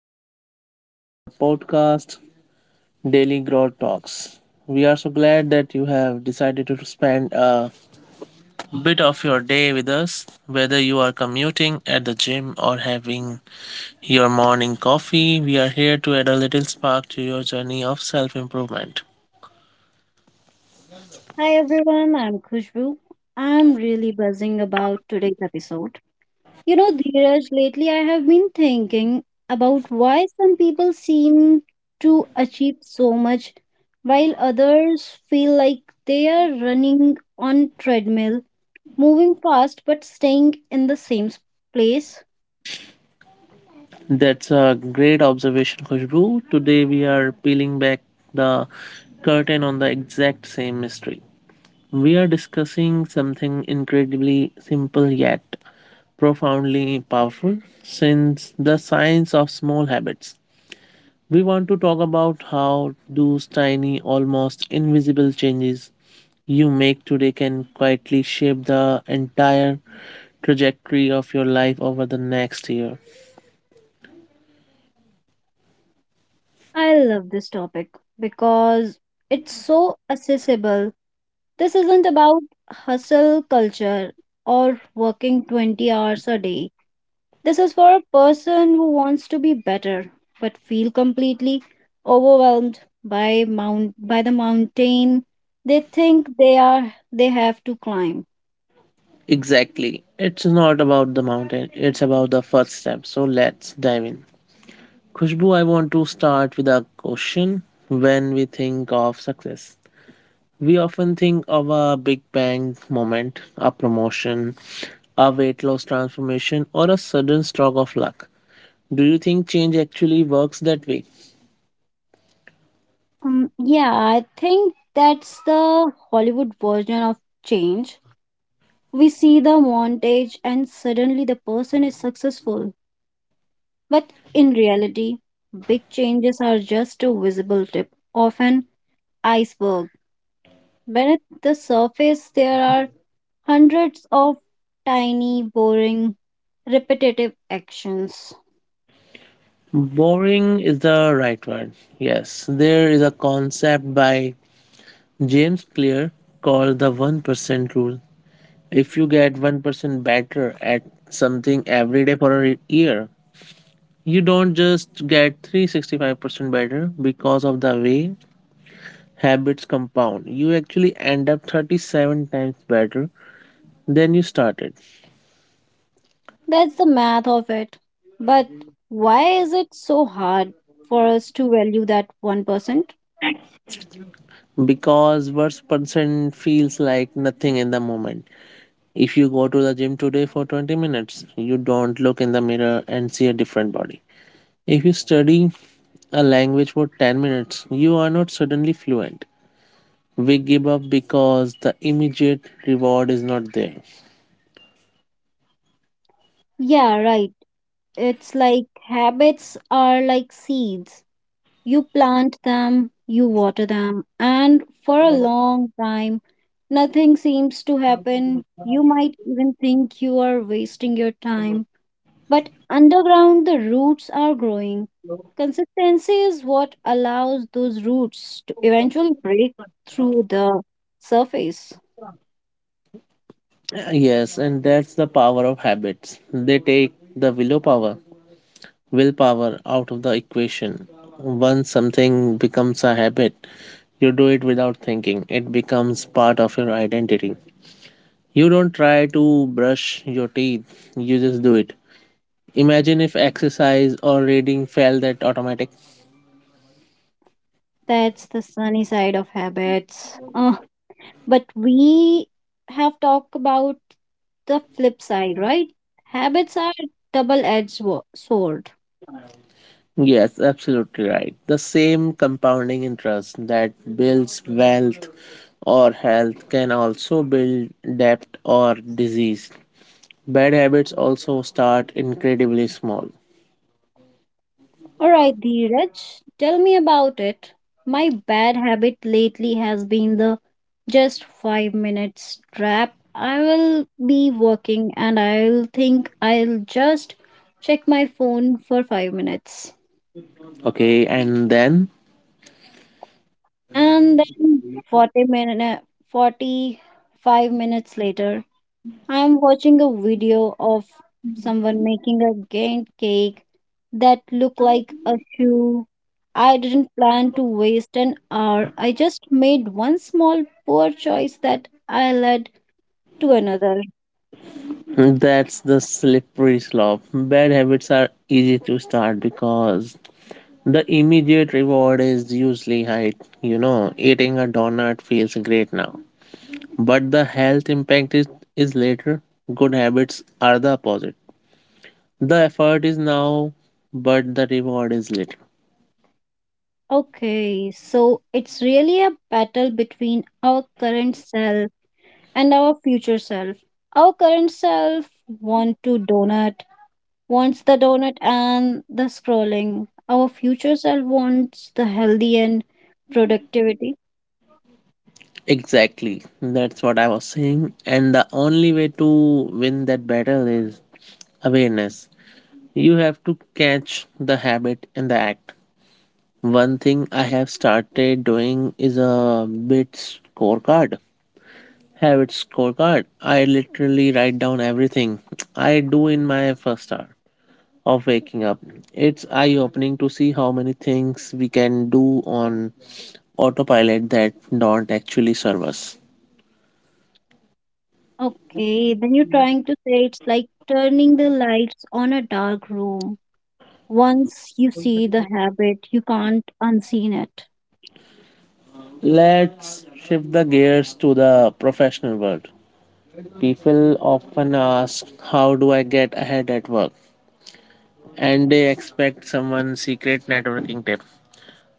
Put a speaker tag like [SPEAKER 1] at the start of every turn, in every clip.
[SPEAKER 1] and welcome to our podcast, Daily Growth Talks. We are so glad that you have decided to spend a bit of your day with us. Whether you are commuting at the gym or having your morning coffee, we are here to add a little spark to your journey of self improvement.
[SPEAKER 2] Hi everyone, I'm Khushbu. I'm really buzzing about today's episode. You know, Dheeraj, lately I have been thinking about why some people seem to achieve so much while others feel like they are running on treadmill, moving fast but staying in the same place.
[SPEAKER 1] That's a great observation, Khushbu. Today, we are peeling back the curtain on the exact same mystery. We are discussing something incredibly simple yet profoundly powerful since the science of small habits. We want to talk about how those tiny, almost invisible changes you make today can quietly shape the entire trajectory of your life over the next year.
[SPEAKER 2] I love this topic because it's so accessible. This isn't about hustle culture or working 20 hours a day. This is for a person who wants to be better but feel completely overwhelmed by the mountain they think they have to climb.
[SPEAKER 1] Exactly. It's not about the mountain, it's about the first step. So let's dive in. Khushbu, I want to start with a question. When we think of success, we often think of a big bang moment, a promotion, a weight loss transformation, or a sudden stroke of luck. Do you think change actually works that way?
[SPEAKER 2] Yeah, I think that's the Hollywood version of change. We see the montage and suddenly the person is successful. But in reality, big changes are just a visible tip of an iceberg. Beneath the surface, there are hundreds of tiny, boring, repetitive actions.
[SPEAKER 1] Boring is the right word. Yes, there is a concept by James Clear called the 1% rule. If you get 1% better at something every day for year, you don't just get 365% better because of the way habits compound. You actually end up 37 times better than you started
[SPEAKER 2] That's the math of it. But why is it so hard for us to value that 1%?
[SPEAKER 1] because worst percent feels like nothing in the moment. If you go to the gym today for 20 minutes, you don't look in the mirror and see a different body. If you study a language for 10 minutes, you are not suddenly fluent. We give up because the immediate reward is not there.
[SPEAKER 2] Yeah, right. It's like habits are like seeds. You plant them, you water them, and for a long time, nothing seems to happen. You might even think you are wasting your time. But underground, the roots are growing. Consistency is what allows those roots to eventually break through the surface.
[SPEAKER 1] Yes, and that's the power of habits. They take the willpower out of the equation. Once something becomes a habit, you do it without thinking. It becomes part of your identity. You don't try to brush your teeth, you just do it. Imagine if exercise or reading felt that automatic.
[SPEAKER 2] That's the sunny side of habits. But we have talked about the flip side, right? Habits are double-edged sword.
[SPEAKER 1] Yes, absolutely right. The same compounding interest that builds wealth or health can also build debt or disease. Bad habits also start incredibly small.
[SPEAKER 2] All right, Dheeraj, tell me about it. My bad habit lately has been the just 5 minutes trap. I will be working and I'll think I'll just check my phone for 5 minutes.
[SPEAKER 1] Okay, and then
[SPEAKER 2] And then 40 minutes, 45 minutes later, I am watching a video of someone making a giant cake that looked like a shoe. I didn't plan to waste an hour. I just made one small poor choice that I led to another.
[SPEAKER 1] that's the slippery slope. Bad habits are easy to start because the immediate reward is usually high. You know, eating a donut feels great now, but the health impact is later. Good habits are the opposite. The effort is now, but the reward is little.
[SPEAKER 2] Okay, so it's really a battle between our current self and our future self. Our current self want to donut wants the donut and the scrolling. Our future self wants the healthy and productivity.
[SPEAKER 1] Exactly. That's what I was saying. And the only way to win that battle is awareness. You have to catch the habit in the act. One thing I have started doing is a bit scorecard. Habit scorecard. I literally write down everything I do in my first hour of waking up. It's eye opening to see how many things we can do on autopilot that don't actually serve us.
[SPEAKER 2] Okay, then you're trying to say it's like turning the lights on a dark room. Once you see the habit, you can't unseen it.
[SPEAKER 1] Let's shift the gears to the professional world. People often ask, how do I get ahead at work? And they expect someone's secret networking tip.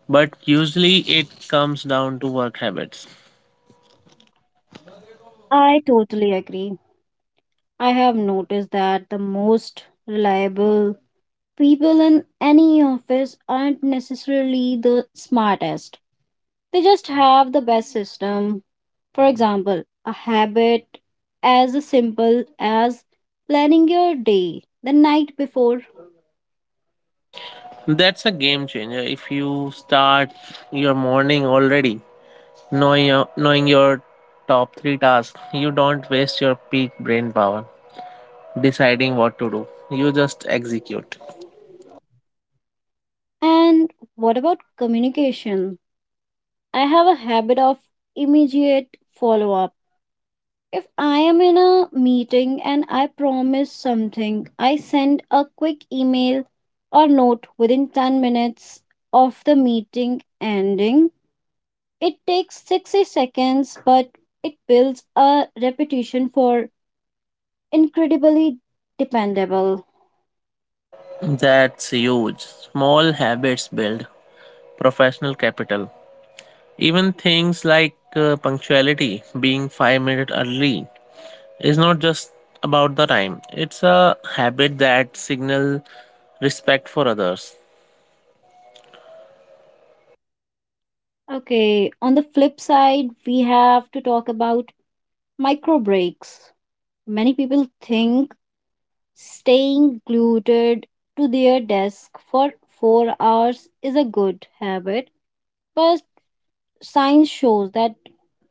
[SPEAKER 1] But usually it comes down to work habits.
[SPEAKER 2] I totally agree. I have noticed that the most reliable people in any office aren't necessarily the smartest. They just have the best system. For example, a habit as simple as planning your day the night before.
[SPEAKER 1] That's a game changer. If you start your morning already knowing your top three tasks, you don't waste your peak brain power deciding what to do. You just execute.
[SPEAKER 2] And what about communication? I have a habit of immediate follow up. If I am in a meeting and I promise something, I send a quick email or note within 10 minutes of the meeting ending. It takes 60 seconds, but it builds a reputation for incredibly dependable.
[SPEAKER 1] That's huge. Small habits build professional capital. Even things like punctuality, being 5 minutes early, is not just about the time. It's a habit that signal respect for others.
[SPEAKER 2] Okay, on the flip side, we have to talk about micro breaks. Many people think staying glued to their desk for 4 hours is a good habit, but science shows that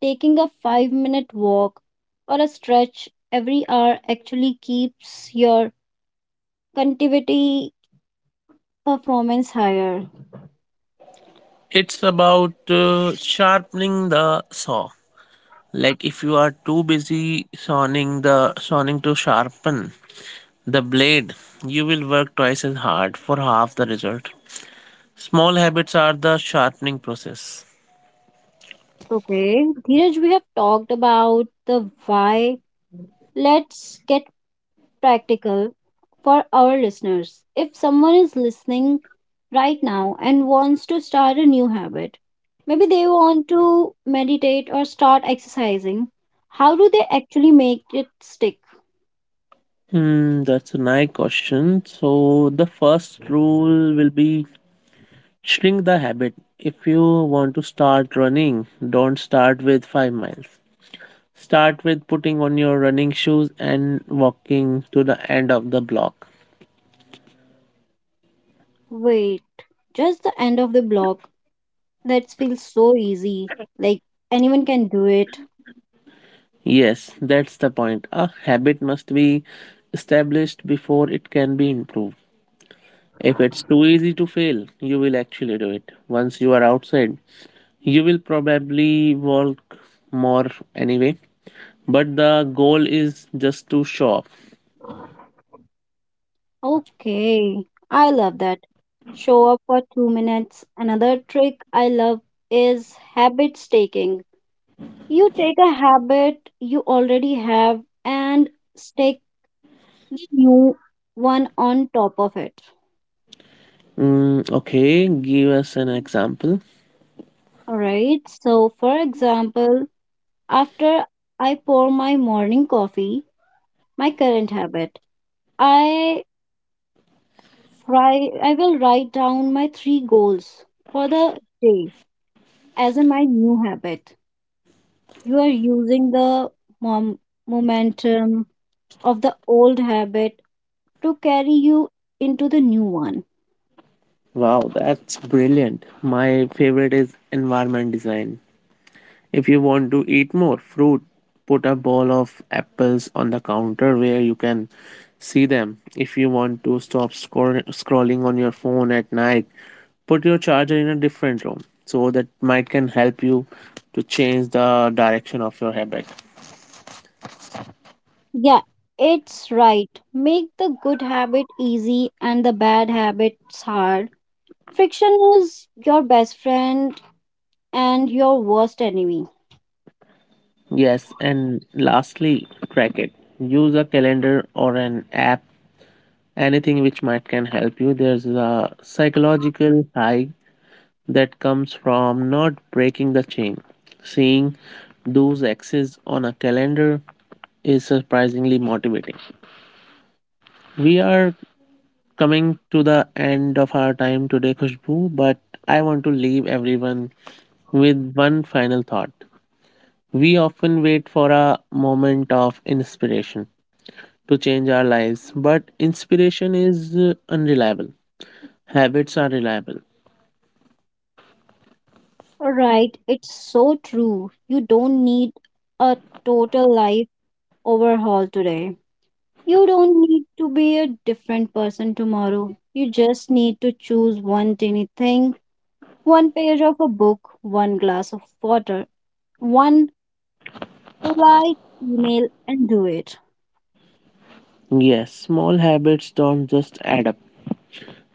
[SPEAKER 2] taking a 5-minute walk or a stretch every hour actually keeps your conductivity performance higher.
[SPEAKER 1] It's about sharpening the saw. Like if you are too busy sawing to sharpen the blade, you will work twice as hard for half the result. Small habits are the sharpening process.
[SPEAKER 2] Okay, Dheeraj, we have talked about the why. Let's get practical for our listeners. If someone is listening right now and wants to start a new habit, maybe they want to meditate or start exercising, how do they actually make it stick?
[SPEAKER 1] Hmm, that's a nice question. So the first rule will be shrink the habit. If you want to start running, don't start with 5 miles. Start with putting on your running shoes and walking to the end of the block.
[SPEAKER 2] Wait, just the end of the block. That feels so easy. Like anyone can do it.
[SPEAKER 1] Yes, that's the point. A habit must be established before it can be improved. If it's too easy to fail, you will actually do it. Once you are outside, you will probably walk more anyway, but the goal is just to show off.
[SPEAKER 2] Okay, I love that. Show up for 2 minutes. Another trick I love is habit staking. You take a habit you already have and stick the new one on top of it.
[SPEAKER 1] Mm, okay, give us an example.
[SPEAKER 2] All right. So, for example, after I pour my morning coffee, my current habit, I I will write down my 3 goals for the day as in my new habit. You are using the mom- momentum of the old habit to carry you into the new one.
[SPEAKER 1] Wow, that's brilliant. My favorite is environment design. If you want to eat more fruit, put a bowl of apples on the counter where you can see them. If you want to stop scrolling on your phone at night, put your charger in a different room. So that might can help you to change the direction of your habit.
[SPEAKER 2] Yeah, it's right. Make the good habit easy and the bad habits hard. Friction is your best friend and your worst enemy.
[SPEAKER 1] Yes, and lastly, track it. Use a calendar or an app, anything which might can help you. There's a psychological high that comes from not breaking the chain. Seeing those X's on a calendar is surprisingly motivating. We are coming to the end of our time today, Khushbu, but I want to leave everyone with one final thought. We often wait for a moment of inspiration to change our lives, but inspiration is unreliable. Habits are reliable.
[SPEAKER 2] Alright, it's so true. You don't need a total life overhaul today. You don't need to be a different person tomorrow. You just need to choose one tiny thing, one page of a book, one glass of water, one polite email, and do it.
[SPEAKER 1] Yes, small habits don't just add up,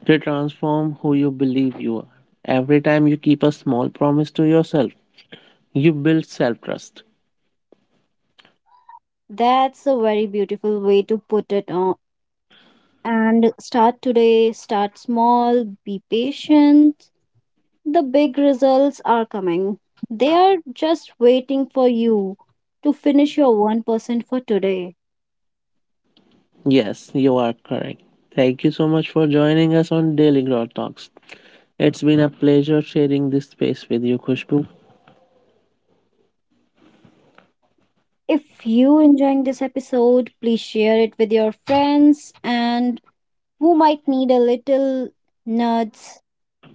[SPEAKER 1] they transform who you believe you are. Every time you keep a small promise to yourself, you build self trust.
[SPEAKER 2] That's a very beautiful way to put it on. And start today, start small, be patient. The big results are coming. They are just waiting for you to finish your 1% for today.
[SPEAKER 1] Yes, you are correct. Thank you so much for joining us on Daily Growth Talks. It's been a pleasure sharing this space with you, Khushbu.
[SPEAKER 2] If you enjoying this episode, please share it with your friends and who might need a little nudge.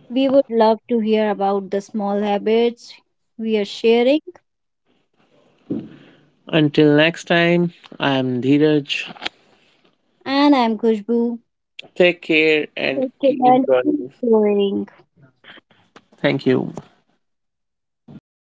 [SPEAKER 2] We would love to hear about the small habits we are sharing.
[SPEAKER 1] Until next time, I am Dheeraj.
[SPEAKER 2] And I'm Kushbu.
[SPEAKER 1] Take care and
[SPEAKER 2] Okay,
[SPEAKER 1] keep
[SPEAKER 2] and keep
[SPEAKER 1] growing.
[SPEAKER 2] going.
[SPEAKER 1] Thank you.